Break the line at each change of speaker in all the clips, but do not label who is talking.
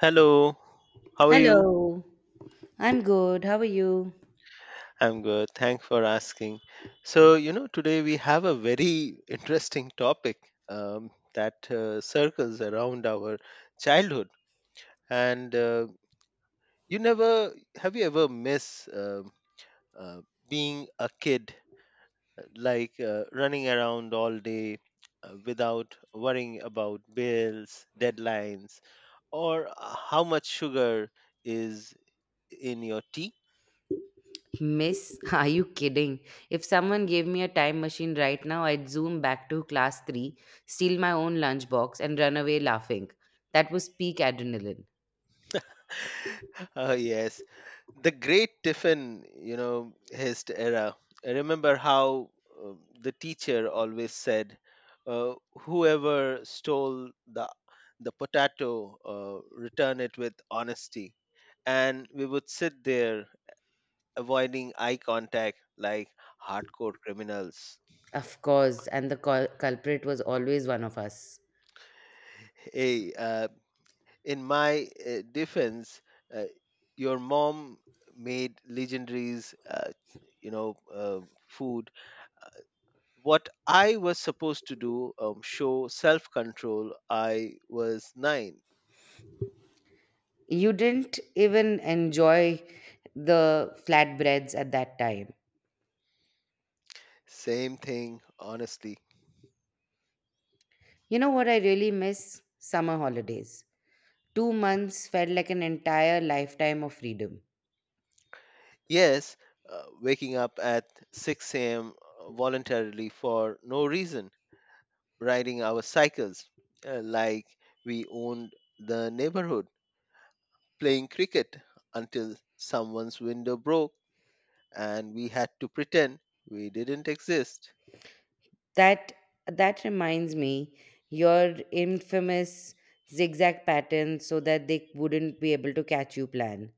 Hello, how are you?
Hello, I'm good. How are you?
I'm good. Thanks for asking. So, today we have a very interesting topic that circles around our childhood. And you never, have you ever miss uh, being a kid, like running around all day without worrying about bills, deadlines, or how much sugar is in your tea?
Miss, are you kidding? If someone gave me a time machine right now, I'd zoom back to class 3, steal my own lunchbox, and run away laughing. That was peak adrenaline.
Oh, yes. The great tiffin his era. I remember how uh, the teacher always said, uh, whoever stole the potato, return it with honesty. And we would sit there avoiding eye contact like hardcore criminals.
Of course, and the culprit was always one of us.
Hey, in my defense, uh, your mom made legendaries, you know uh, food. What I was supposed to do, show self control, I was nine.
You didn't even enjoy the flatbreads at that time.
Same thing, honestly.
You know what I really miss? Summer holidays. 2 months felt like an entire lifetime of freedom.
Yes, waking up at 6 a.m. voluntarily for no reason, riding our cycles like we owned the neighborhood, playing cricket until someone's window broke and we had to pretend we didn't exist.
That that reminds me, your infamous zigzag pattern so that they wouldn't be able to catch you plan.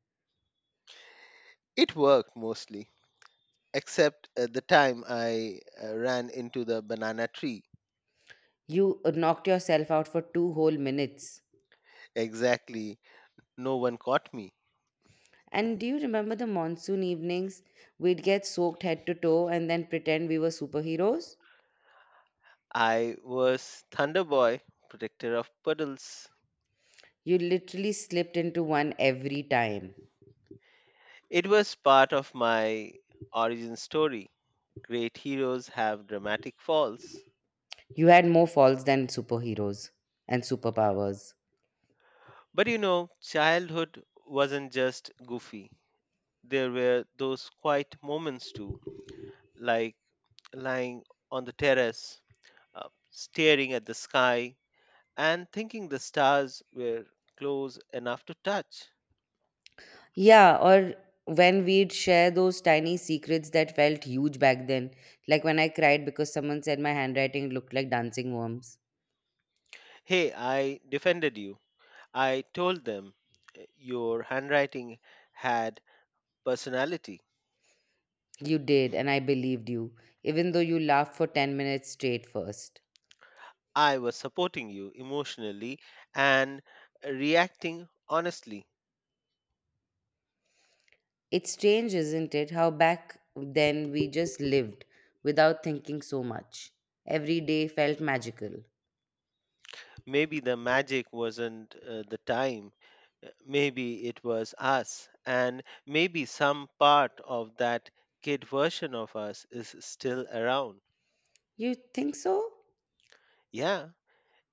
It worked mostly, except at the time I ran into the banana tree.
You knocked yourself out for two whole minutes.
Exactly, no one caught me.
And do you remember the monsoon evenings? We'd get soaked head to toe and then pretend we were superheroes?
I was Thunder Boy, protector of puddles.
You literally slipped into one every time.
It was part of my origin story. Great heroes have dramatic falls.
You had more falls than superheroes and superpowers.
But childhood wasn't just goofy. There were those quiet moments too, like lying on the terrace, staring at the sky, and thinking the stars were close enough to touch.
Yeah, or when we'd share those tiny secrets that felt huge back then, like when I cried because someone said my handwriting looked like dancing worms.
Hey, I defended you. I told them, your handwriting had personality.
You did, and I believed you, even though you laughed for 10 minutes straight first.
I was supporting you emotionally and reacting honestly.
It's strange, isn't it, how back then we just lived without thinking so much. Every day felt magical.
Maybe the magic wasn't the time. Maybe it was us. And maybe some part of that kid version of us is still around.
You think so?
Yeah,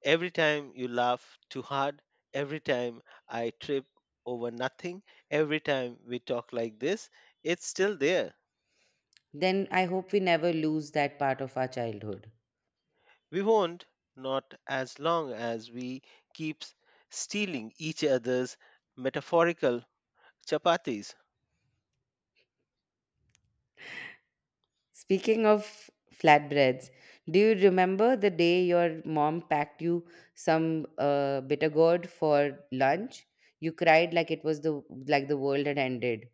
every time you laugh too hard, every time I trip over nothing, every time we talk like this, it's still there.
Then I hope we never lose that part of our childhood.
We won't, not as long as we keep stealing each other's metaphorical chapatis.
Speaking of flatbreads, do you remember the day your mom packed you some bitter gourd for lunch? You cried like it was the like the world had ended.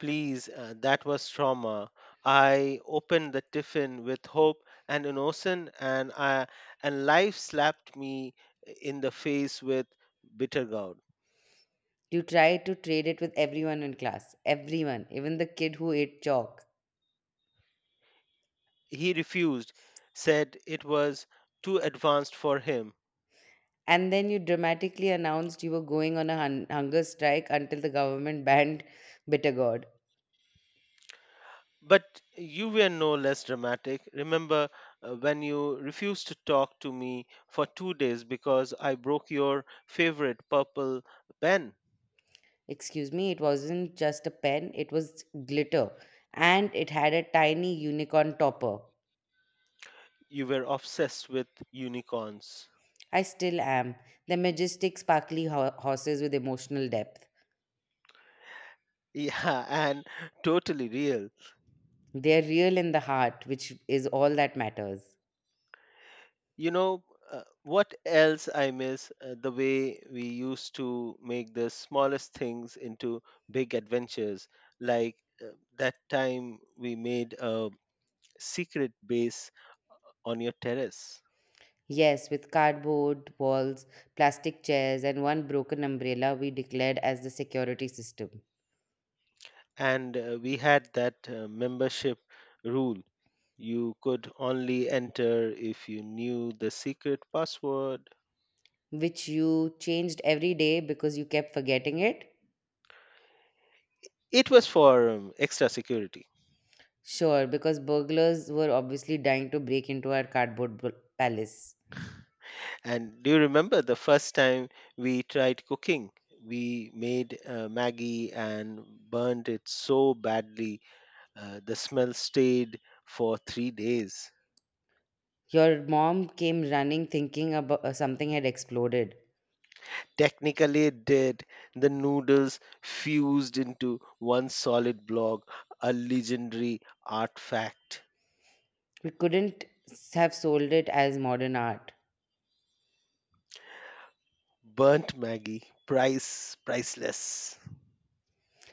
Please, that was trauma. I opened the tiffin with hope and innocence, and life slapped me in the face with bitter gourd.
You tried to trade it with everyone in class, everyone, even the kid who ate chalk.
He refused, said it was too advanced for him.
And then you dramatically announced you were going on a hunger strike until the government banned bitter gourd.
But you were no less dramatic. Remember when you refused to talk to me for 2 days because I broke your favorite purple pen?
Excuse me, it wasn't just a pen; it was glitter, and it had a tiny unicorn topper.
You were obsessed with unicorns.
I still am. They're majestic, sparkly horses with emotional depth.
Yeah, and totally real.
They're real in the heart, which is all that matters.
You know what else I miss, the way we used to make the smallest things into big adventures, like uh, that time we made a secret base on your terrace.
Yes, with cardboard walls, plastic chairs, and one broken umbrella, we declared as the security system,
And we had that membership rule: you could only enter if you knew the secret password.
which you changed every day because you kept forgetting it.
It was for extra security.
Sure, because burglars were obviously dying to break into our cardboard palace.
And do you remember the first time we tried cooking? We made Maggie and burned it so badly, the smell stayed for 3 days.
Your mom came running thinking about something had exploded.
Technically, it did. The noodles fused into one solid block, a legendary artifact.
We couldn't have sold it as modern art.
Burnt Maggie, priceless.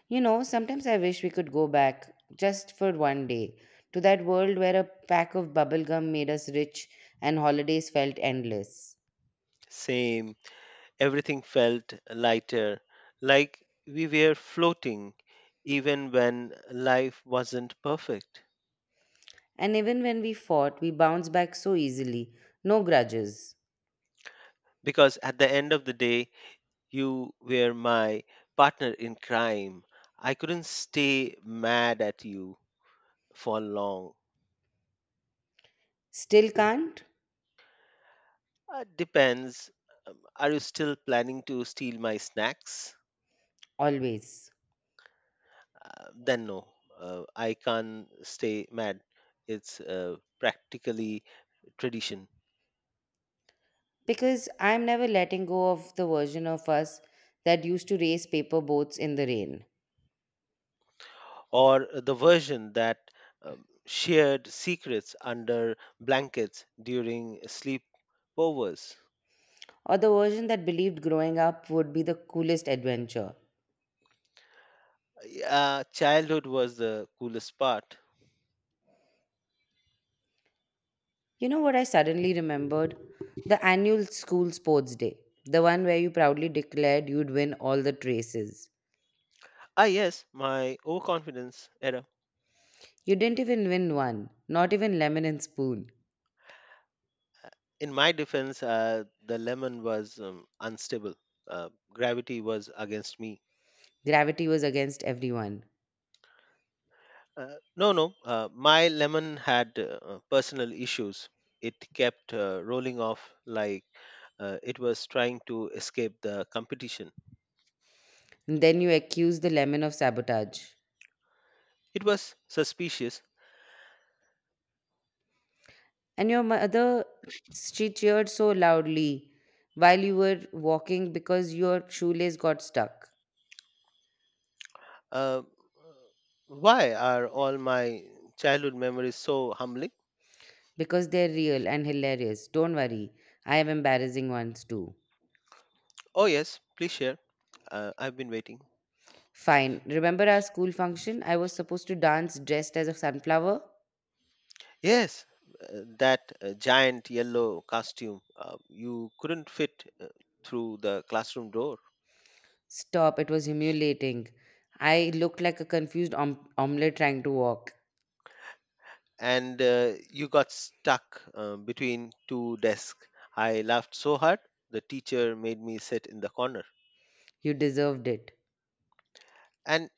You know, sometimes I wish we could go back just for one day to that world where a pack of bubblegum made us rich and holidays felt endless.
Same. Everything felt lighter, like we were floating, even when life wasn't perfect.
And even when we fought, we bounced back so easily. No grudges.
Because at the end of the day, you were my partner in crime. I couldn't stay mad at you for long.
Still can't?
Depends. Are you still planning to steal my snacks?
Always.
Then no, I can't stay mad. It's practically tradition.
Because I'm never letting go of the version of us that used to race paper boats in the rain,
Or the version that shared secrets under blankets during sleepovers.
or the version that believed growing up would be the coolest adventure.
Childhood was the coolest part.
You know what I suddenly remembered? The annual school sports day, the one where you proudly declared you'd win all the traces.
Ah, yes, my overconfidence era.
You didn't even win one, not even lemon and spoon.
In my defense, the lemon was unstable. Gravity was against me.
Gravity was against everyone.
No, no, my lemon had personal issues. It kept rolling off like it was trying to escape the competition.
And then you accused the lemon of sabotage.
It was suspicious.
And your mother, she cheered so loudly while you were walking because your shoelace got stuck.
Uh, why are all my childhood memories so humbling?
Because they're real and hilarious. Don't worry, I have embarrassing ones too.
Oh, yes, please share. I've been waiting.
Fine. Remember our school function? I was supposed to dance dressed as a sunflower?
Yes, that giant yellow costume. You couldn't fit through the classroom door,
Stop, it was humiliating. I looked like a confused omelette trying to walk.
and you got stuck between two desks. I laughed so hard, the teacher made me sit in the corner.
You deserved it.
And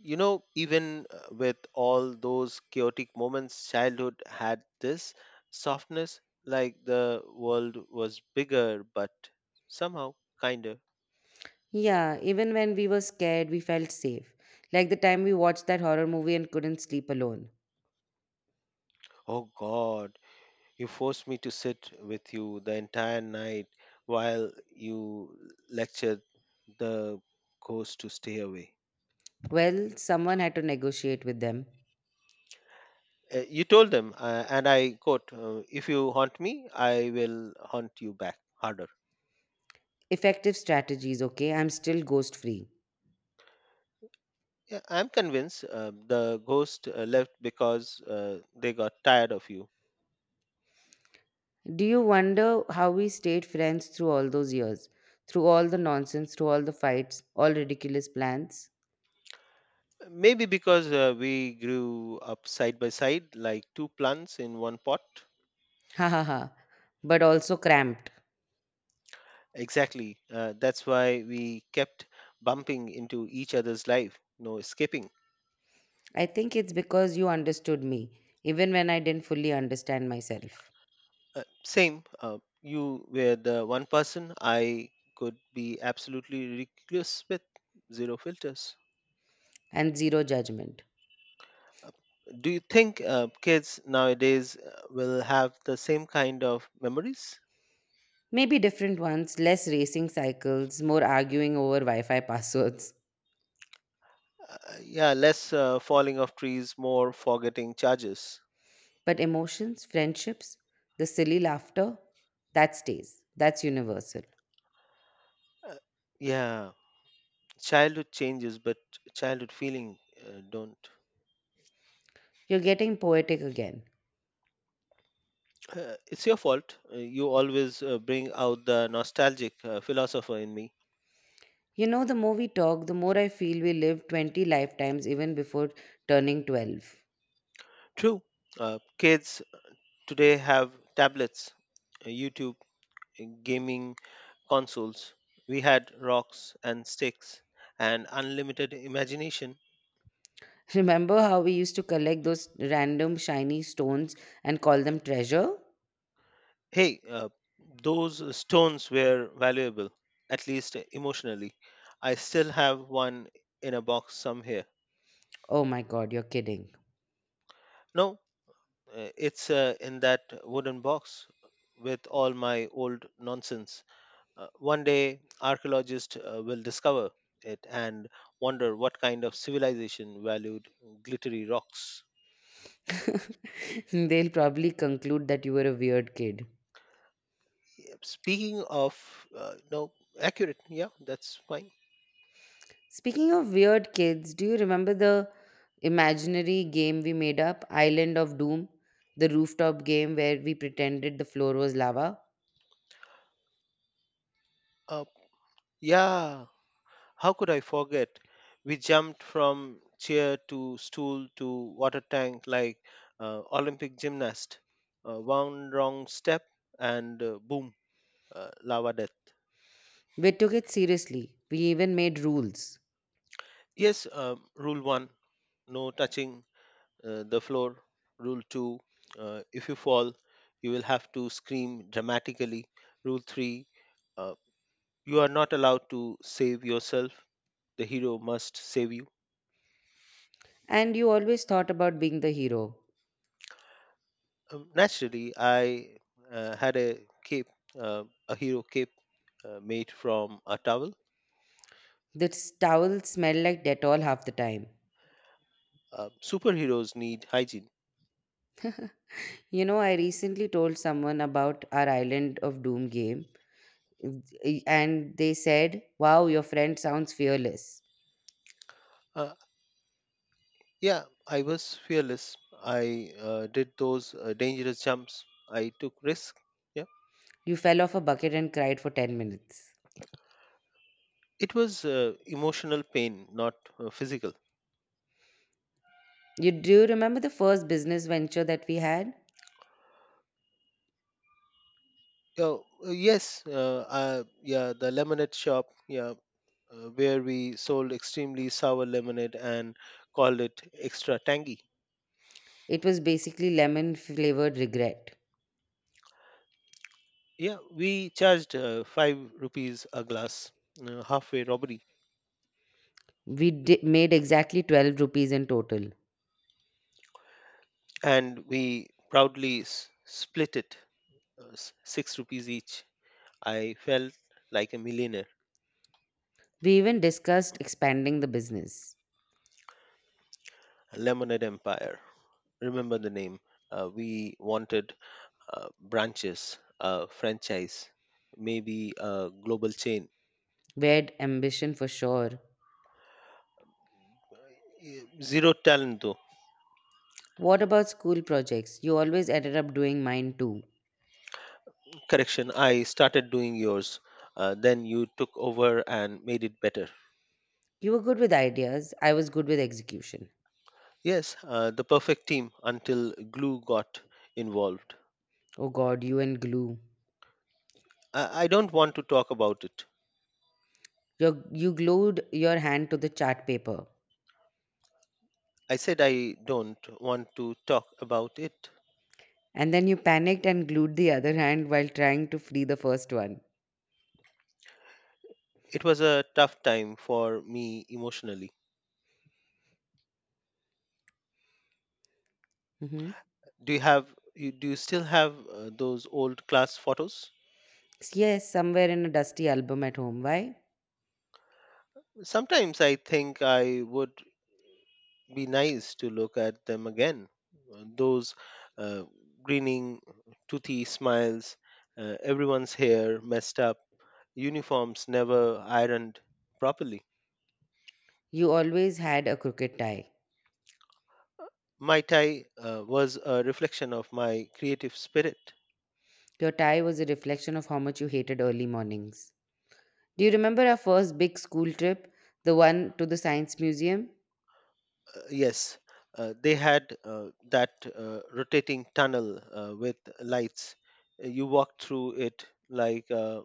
even with all those chaotic moments, childhood had this softness, like the world was bigger but somehow kinder.
Yeah, even when we were scared, we felt safe. Like the time we watched that horror movie and couldn't sleep alone.
Oh god, you forced me to sit with you the entire night while you lectured the ghost to stay away.
Well, someone had to negotiate with them.
You told them, and I quote, if you haunt me, I will haunt you back harder.
Effective strategies, okay? I'm still ghost free.
Yeah, I'm convinced the ghost left because they got tired of you.
Do you wonder how we stayed friends through all those years? Through all the nonsense, through all the fights, all ridiculous plans?
Maybe because we grew up side by side, like two plants in one pot.
Ha ha ha. But also cramped.
Exactly. That's why we kept bumping into each other's life, no escaping.
I think it's because you understood me, even when I didn't fully understand myself.
Same. You were the one person I could be absolutely reckless with, zero filters.
And zero judgment.
Uh, Do you think kids nowadays will have the same kind of memories?
Maybe different ones, less racing cycles, more arguing over Wi Fi passwords.
Yeah, less falling of trees, more forgetting charges.
But emotions, friendships, the silly laughter, that stays. That's universal.
Uh, yeah, childhood changes, but childhood feeling don't.
You're getting poetic again.
It's your fault. You always bring out the nostalgic philosopher in me.
You know, the more we talk, the more I feel we lived 20 lifetimes even before turning 12.
True. Kids today have tablets, YouTube, gaming consoles. We had rocks and sticks and unlimited imagination.
Remember how we used to collect those random shiny stones and call them treasure?
Hey, those stones were valuable, at least emotionally. I still have one in a box somewhere.
Oh my god, you're kidding.
No, it's in that wooden box with all my old nonsense. One day, archaeologists will discover it and wonder what kind of civilization valued glittery rocks.
They'll probably conclude that you were a weird kid.
Yeah, speaking of, no, accurate. Yeah, that's fine.
Speaking of weird kids, do you remember the imaginary game we made up, Island of Doom? The rooftop game where we pretended the floor was lava?
Uh, yeah. How could I forget? We jumped from chair to stool to water tank like Olympic gymnast. One wrong step and boom, lava death.
We took it seriously. We even made rules.
Yes. Rule one, no touching the floor. Rule two, if you fall, you will have to scream dramatically. Rule three, uh, you are not allowed to save yourself. The hero must save you.
And you always thought about being the hero.
Naturally, I had a cape, uh, a hero cape made from a towel.
The towel smelled like Dettol half the time.
Superheroes need hygiene.
You know, I recently told someone about our Island of Doom game, eh, and they said, Wow, your friend sounds fearless.
Uh, yeah, I was fearless. I did those dangerous jumps. I took risks. Yeah,
You fell off a bucket and cried for 10 minutes.
it was emotional pain, not physical.
You do you remember the first business venture that we had?
Oh, yes, yeah, the lemonade shop, yeah, where we sold extremely sour lemonade and called it extra tangy.
It was basically lemon flavored regret.
Yeah, we charged 5 rupees a glass, halfway robbery,
We made exactly 12 rupees in total.
and we proudly split it, 6 rupees each. I felt like a millionaire.
We even discussed expanding the business.
Lemonade Empire. Remember the name. We wanted branches, a franchise, maybe a global chain.
We had ambition for sure.
Yeah, zero talent though.
What about school projects? You always ended up doing mine too.
Correction, I started doing yours. Then you took over and made it better.
You were good with ideas. I was good with execution.
Yes, the perfect team until glue got involved.
Oh God, you and glue.
I don't want to talk about it.
You glued your hand to the chart paper.
I said I don't want to talk about it.
And then you panicked and glued the other hand while trying to free the first one.
It was a tough time for me emotionally.
Hmm.
Do you still have those old class photos?
Yes, somewhere in a dusty album at home. Why?
Sometimes I think I would be nice to look at them again. Those uh, grinning, toothy smiles, everyone's hair messed up, uniforms never ironed properly.
You always had a crooked tie.
My tie was a reflection of my creative spirit.
Your tie was a reflection of how much you hated early mornings. Do you remember our first big school trip? The one to the science museum?
Yes, they had that rotating tunnel with lights. You walked through it like a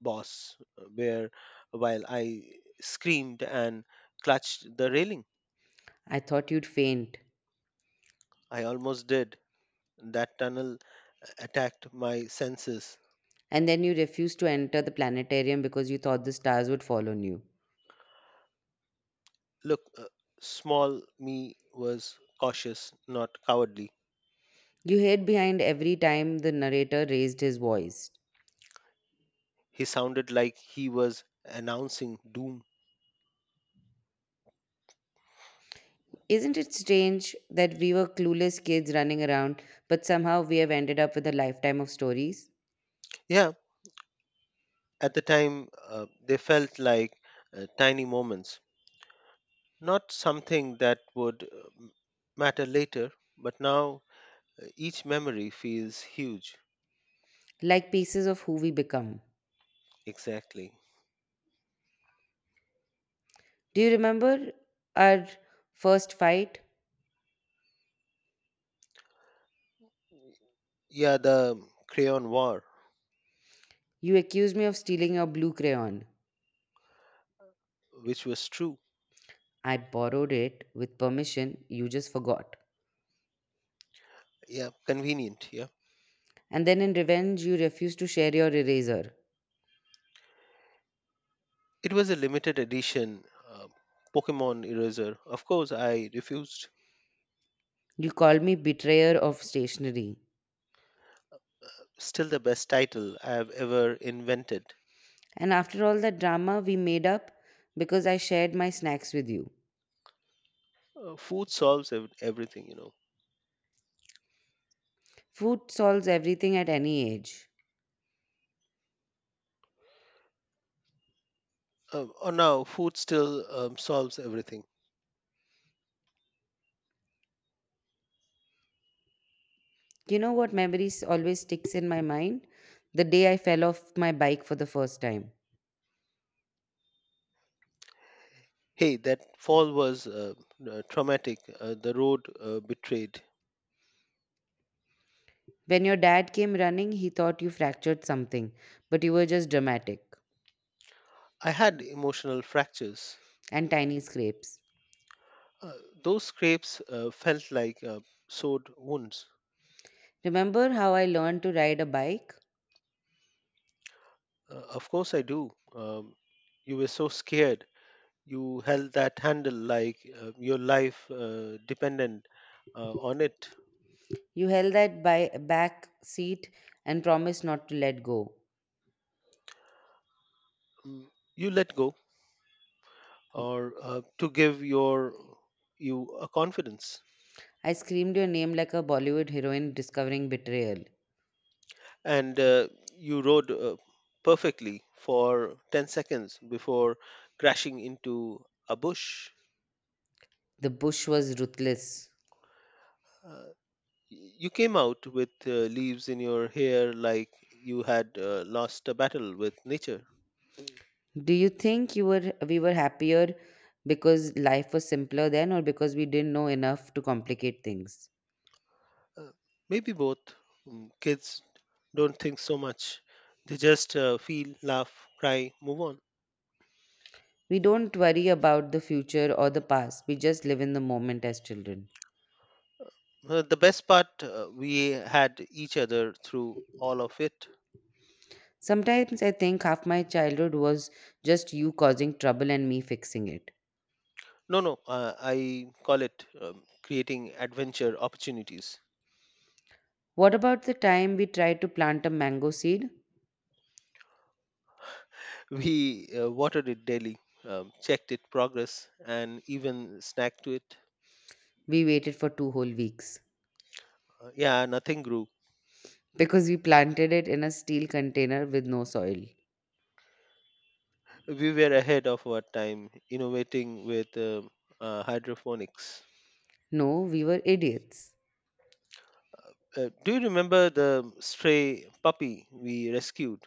boss, where while I screamed and clutched the railing.
I thought you'd faint.
I almost did. That tunnel attacked my senses.
And then you refused to enter the planetarium because you thought the stars would fall on you.
Look, small me was cautious, not cowardly.
You hid behind every time the narrator raised his voice.
He sounded like he was announcing doom.
Isn't it strange that we were clueless kids running around, but somehow we have ended up with a lifetime of stories?
Yeah, at the time, they felt like tiny moments, not something that would matter later, but now each memory feels huge.
Like pieces of who we become.
Exactly.
Do you remember our first fight?
Yeah, the crayon war,
You accused me of stealing your blue crayon.
which was true.
I borrowed it with permission, you just forgot.
Yeah, convenient. Yeah.
And then in revenge, you refused to share your eraser.
It was a limited edition uh, Pokemon eraser. Of course, I refused.
You called me betrayer of stationery.
Still, the best title I have ever invented.
And after all that drama, we made up because I shared my snacks with you.
Food solves everything.
Food solves everything at any age.
Or now, food still solves everything.
You know what memories always sticks in my mind? The day I fell off my bike for the first time.
Hey, that fall was traumatic. The road betrayed.
When your dad came running, he thought you fractured something, but you were just dramatic
I had emotional fractures.
and tiny scrapes.
Uh, those scrapes felt like sword wounds.
Remember how I learned to ride a bike?
Of course, I do. Um, you were so scared you held that handle like your life dependent on it.
You held that back seat and promised not to let go.
Mm, you let go or to give you a confidence.
I screamed your name like a Bollywood heroine discovering betrayal.
And you rode perfectly for 10 seconds before crashing into a bush.
The bush was ruthless.
Uh, y- you came out with leaves in your hair like you had lost a battle with nature.
Do you think you were we were happier because life was simpler then, or because we didn't know enough to complicate things?
Uh, Maybe both. Kids don't think so much. They just feel, laugh, cry, move on.
We don't worry about the future or the past, we just live in the moment as children.
The best part, we had each other through all of it.
Sometimes I think half my childhood was just you causing trouble and me fixing it.
No, no, I call it creating adventure opportunities.
What about the time we tried to plant a mango seed?
We watered it daily, checked it progress, and even snacked to it.
We waited for two whole weeks
Yeah, nothing grew.
because we planted it in a steel container with no soil.
We were ahead of our time, innovating with hydroponics.
No, we were idiots.
Do you remember the stray puppy we rescued?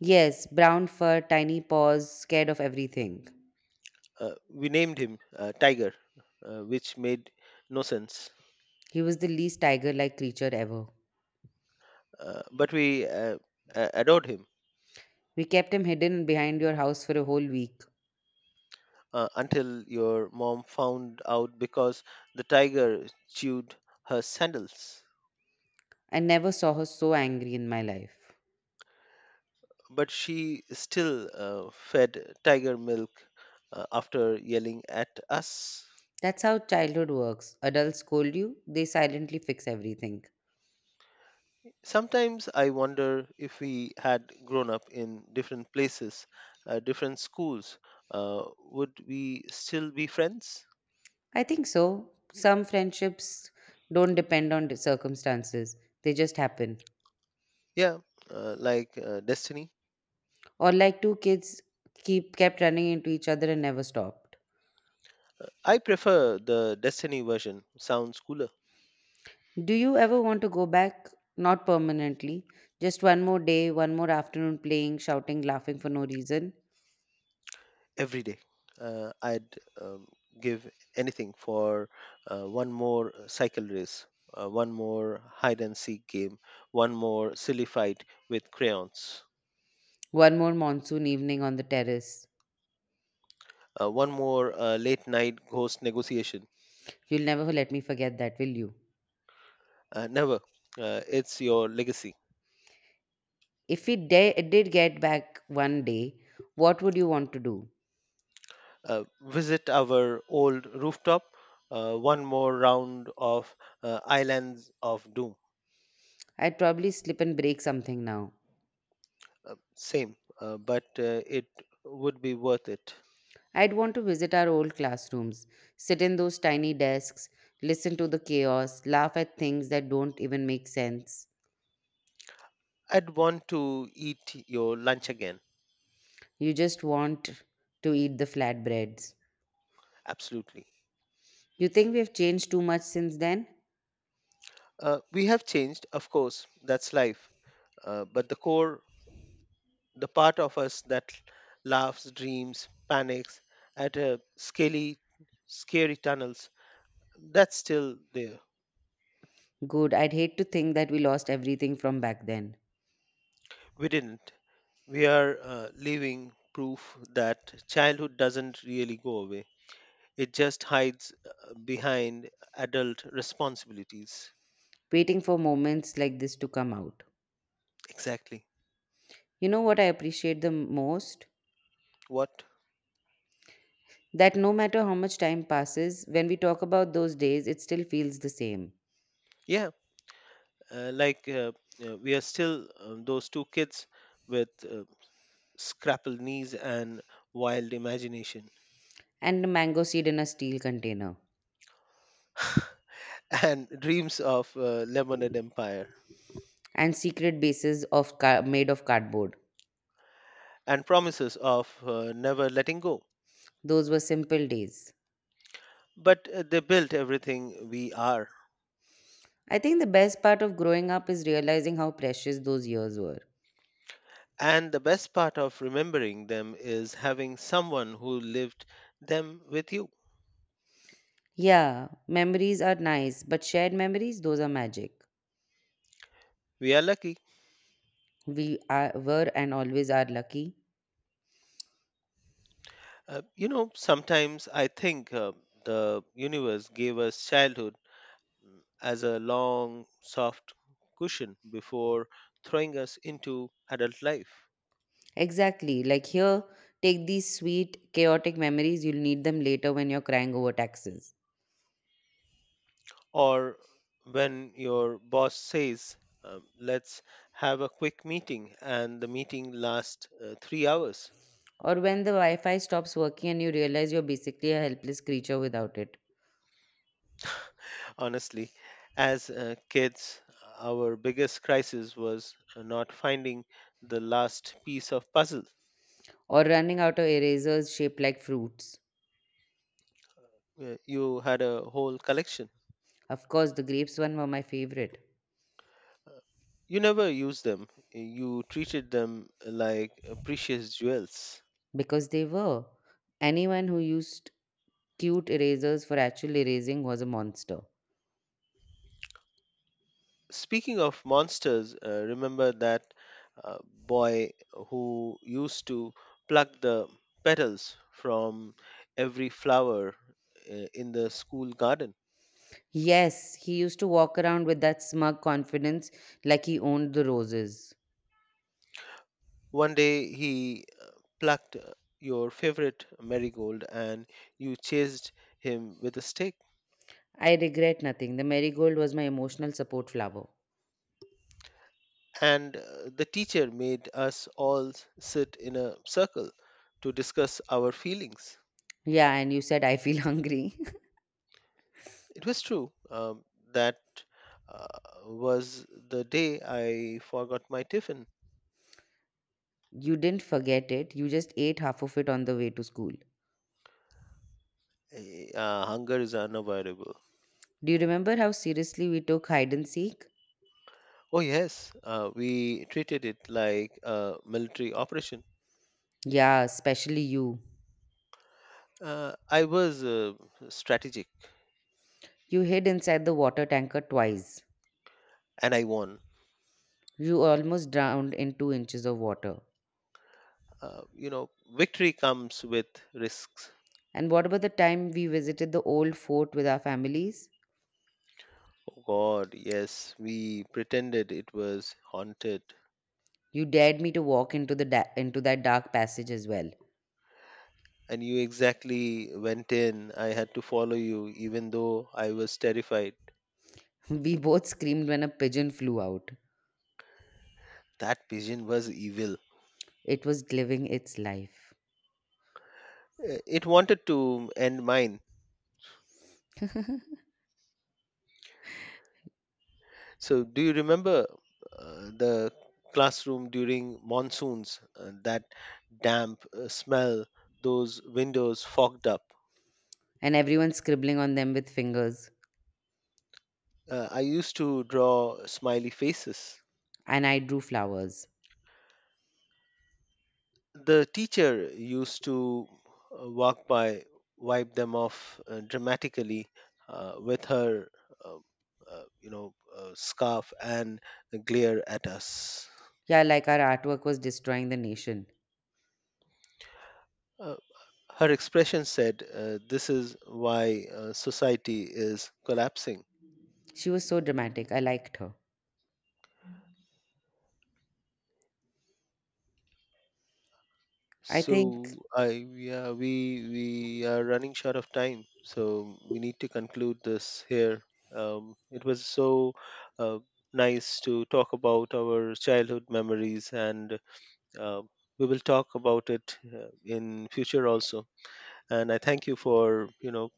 Yes, brown fur, tiny paws, scared of everything.
We named him Tiger, which made no sense,
He was the least tiger like creature ever.
but we adored him
We kept him hidden behind your house for a whole week.
until your mom found out because the tiger chewed her sandals.
I never saw her so angry in my life.
But she still fed tiger milk after yelling at us.
That's how childhood works. Adults scold you, they silently fix everything.
Sometimes I wonder if we had grown up in different places, different schools, would we still be friends?
I think so. Some friendships don't depend on the circumstances, they just happen.
Yeah, like Destiny.
Or like two kids keep kept running into each other and never stopped.
I prefer the Destiny version, sounds cooler
Do you ever want to go back? Not permanently. Just one more day, one more afternoon playing, shouting, laughing for no reason.
every day. I'd um, give anything for one more cycle race, one more hide and seek game, one more silly fight with crayons,
One more monsoon evening on the terrace.
one more late night ghost negotiation.
You'll never let me forget that, will you?
Never. It's your legacy.
If we did get back one day, what would you want to do?
Visit our old rooftop. One more round of Islands of Doom.
I'd probably slip and break something now.
Same, but it would be worth it.
I'd want to visit our old classrooms, sit in those tiny desks, listen to the chaos, laugh at things that don't even make sense.
I'd want to eat your lunch again.
You just want to eat the flatbreads.
Absolutely.
You think we've changed too much since then?
We have changed, of course. That's life. But the core, the part of us that laughs, dreams, panics at scaly, scary tunnels, that's still there.
Good, I'd hate to think that we lost everything from back then,
We didn't. We are leaving proof that childhood doesn't really go away. It just hides behind adult responsibilities.
waiting for moments like this to come out.
Exactly.
You know what I appreciate the most?
What?
That no matter how much time passes, when we talk about those days, it still feels the same.
Yeah, uh, like uh, we are still those two kids with scrappled knees and wild imagination
And a mango seed in a steel container,
and dreams of lemonade empire
and secret bases of made of cardboard.
and promises of never letting go.
Those were simple days.
But they built everything we are.
I think the best part of growing up is realizing how precious those years were.
And the best part of remembering them is having someone who lived them with you.
Yeah, memories are nice, but shared memories, those are magic.
We are lucky.
We are, were and always are lucky.
You know, sometimes I think the universe gave us childhood as a long, soft cushion before throwing us into adult life.
Exactly. Like here, take these sweet, chaotic memories. You'll need them later when you're crying over taxes.
Or when your boss says, let's have a quick meeting, and the meeting lasts 3 hours
Or when the Wi Fi stops working and you realize you're basically a helpless creature without it.
honestly. As kids, our biggest crisis was not finding the last piece of puzzle.
Or running out of erasers shaped like fruits.
You had a whole collection.
Of course, the grapes one were my favorite
You never used them. You treated them like precious jewels.
because they were. Anyone who used cute erasers for actual erasing was a monster.
Speaking of monsters, remember that boy who used to pluck the petals from every flower in the school garden?
Yes, he used to walk around with that smug confidence like he owned the roses.
One day he plucked your favorite marigold and you chased him with a stick.
I regret nothing. The marigold was my emotional support flower.
And the teacher made us all sit in a circle to discuss our feelings.
Yeah, and you said, I feel hungry.
It was true that uh, was the day I forgot my tiffin.
You didn't forget it. You just ate half of it on the way to school.
Hunger is unavoidable.
Do you remember how seriously we took hide and seek?
Oh, yes, we treated it like a military operation.
Yeah, especially you.
I was strategic
You hid inside the water tanker twice.
and I won.
You almost drowned in 2 inches of water.
You know, victory comes with risks.
And what about the time we visited the old fort with our families?
Oh God, yes, we pretended it was haunted.
You dared me to walk into the into that dark passage as well.
And you exactly went in. I had to follow you, even though I was terrified.
We both screamed when a pigeon flew out.
That pigeon was evil.
It was living its life.
It wanted to end mine. So, do you remember the classroom during monsoons? That damp smell, those windows fogged up.
And everyone scribbling on them with fingers.
I used to draw smiley faces.
And I drew flowers.
The teacher used to walk by, wipe them off dramatically with her, uh, scarf and glare at us.
Yeah, like our artwork was destroying the nation.
Uh, Her expression said, "This is why society is collapsing."
She was so dramatic. I liked her. I
So
think,
I Yeah, we are running short of time, so we need to conclude this here. It was so uh, nice to talk about our childhood memories, and uh, we will talk about it in future also. And I thank you for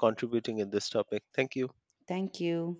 contributing in this topic. Thank you.
thank you.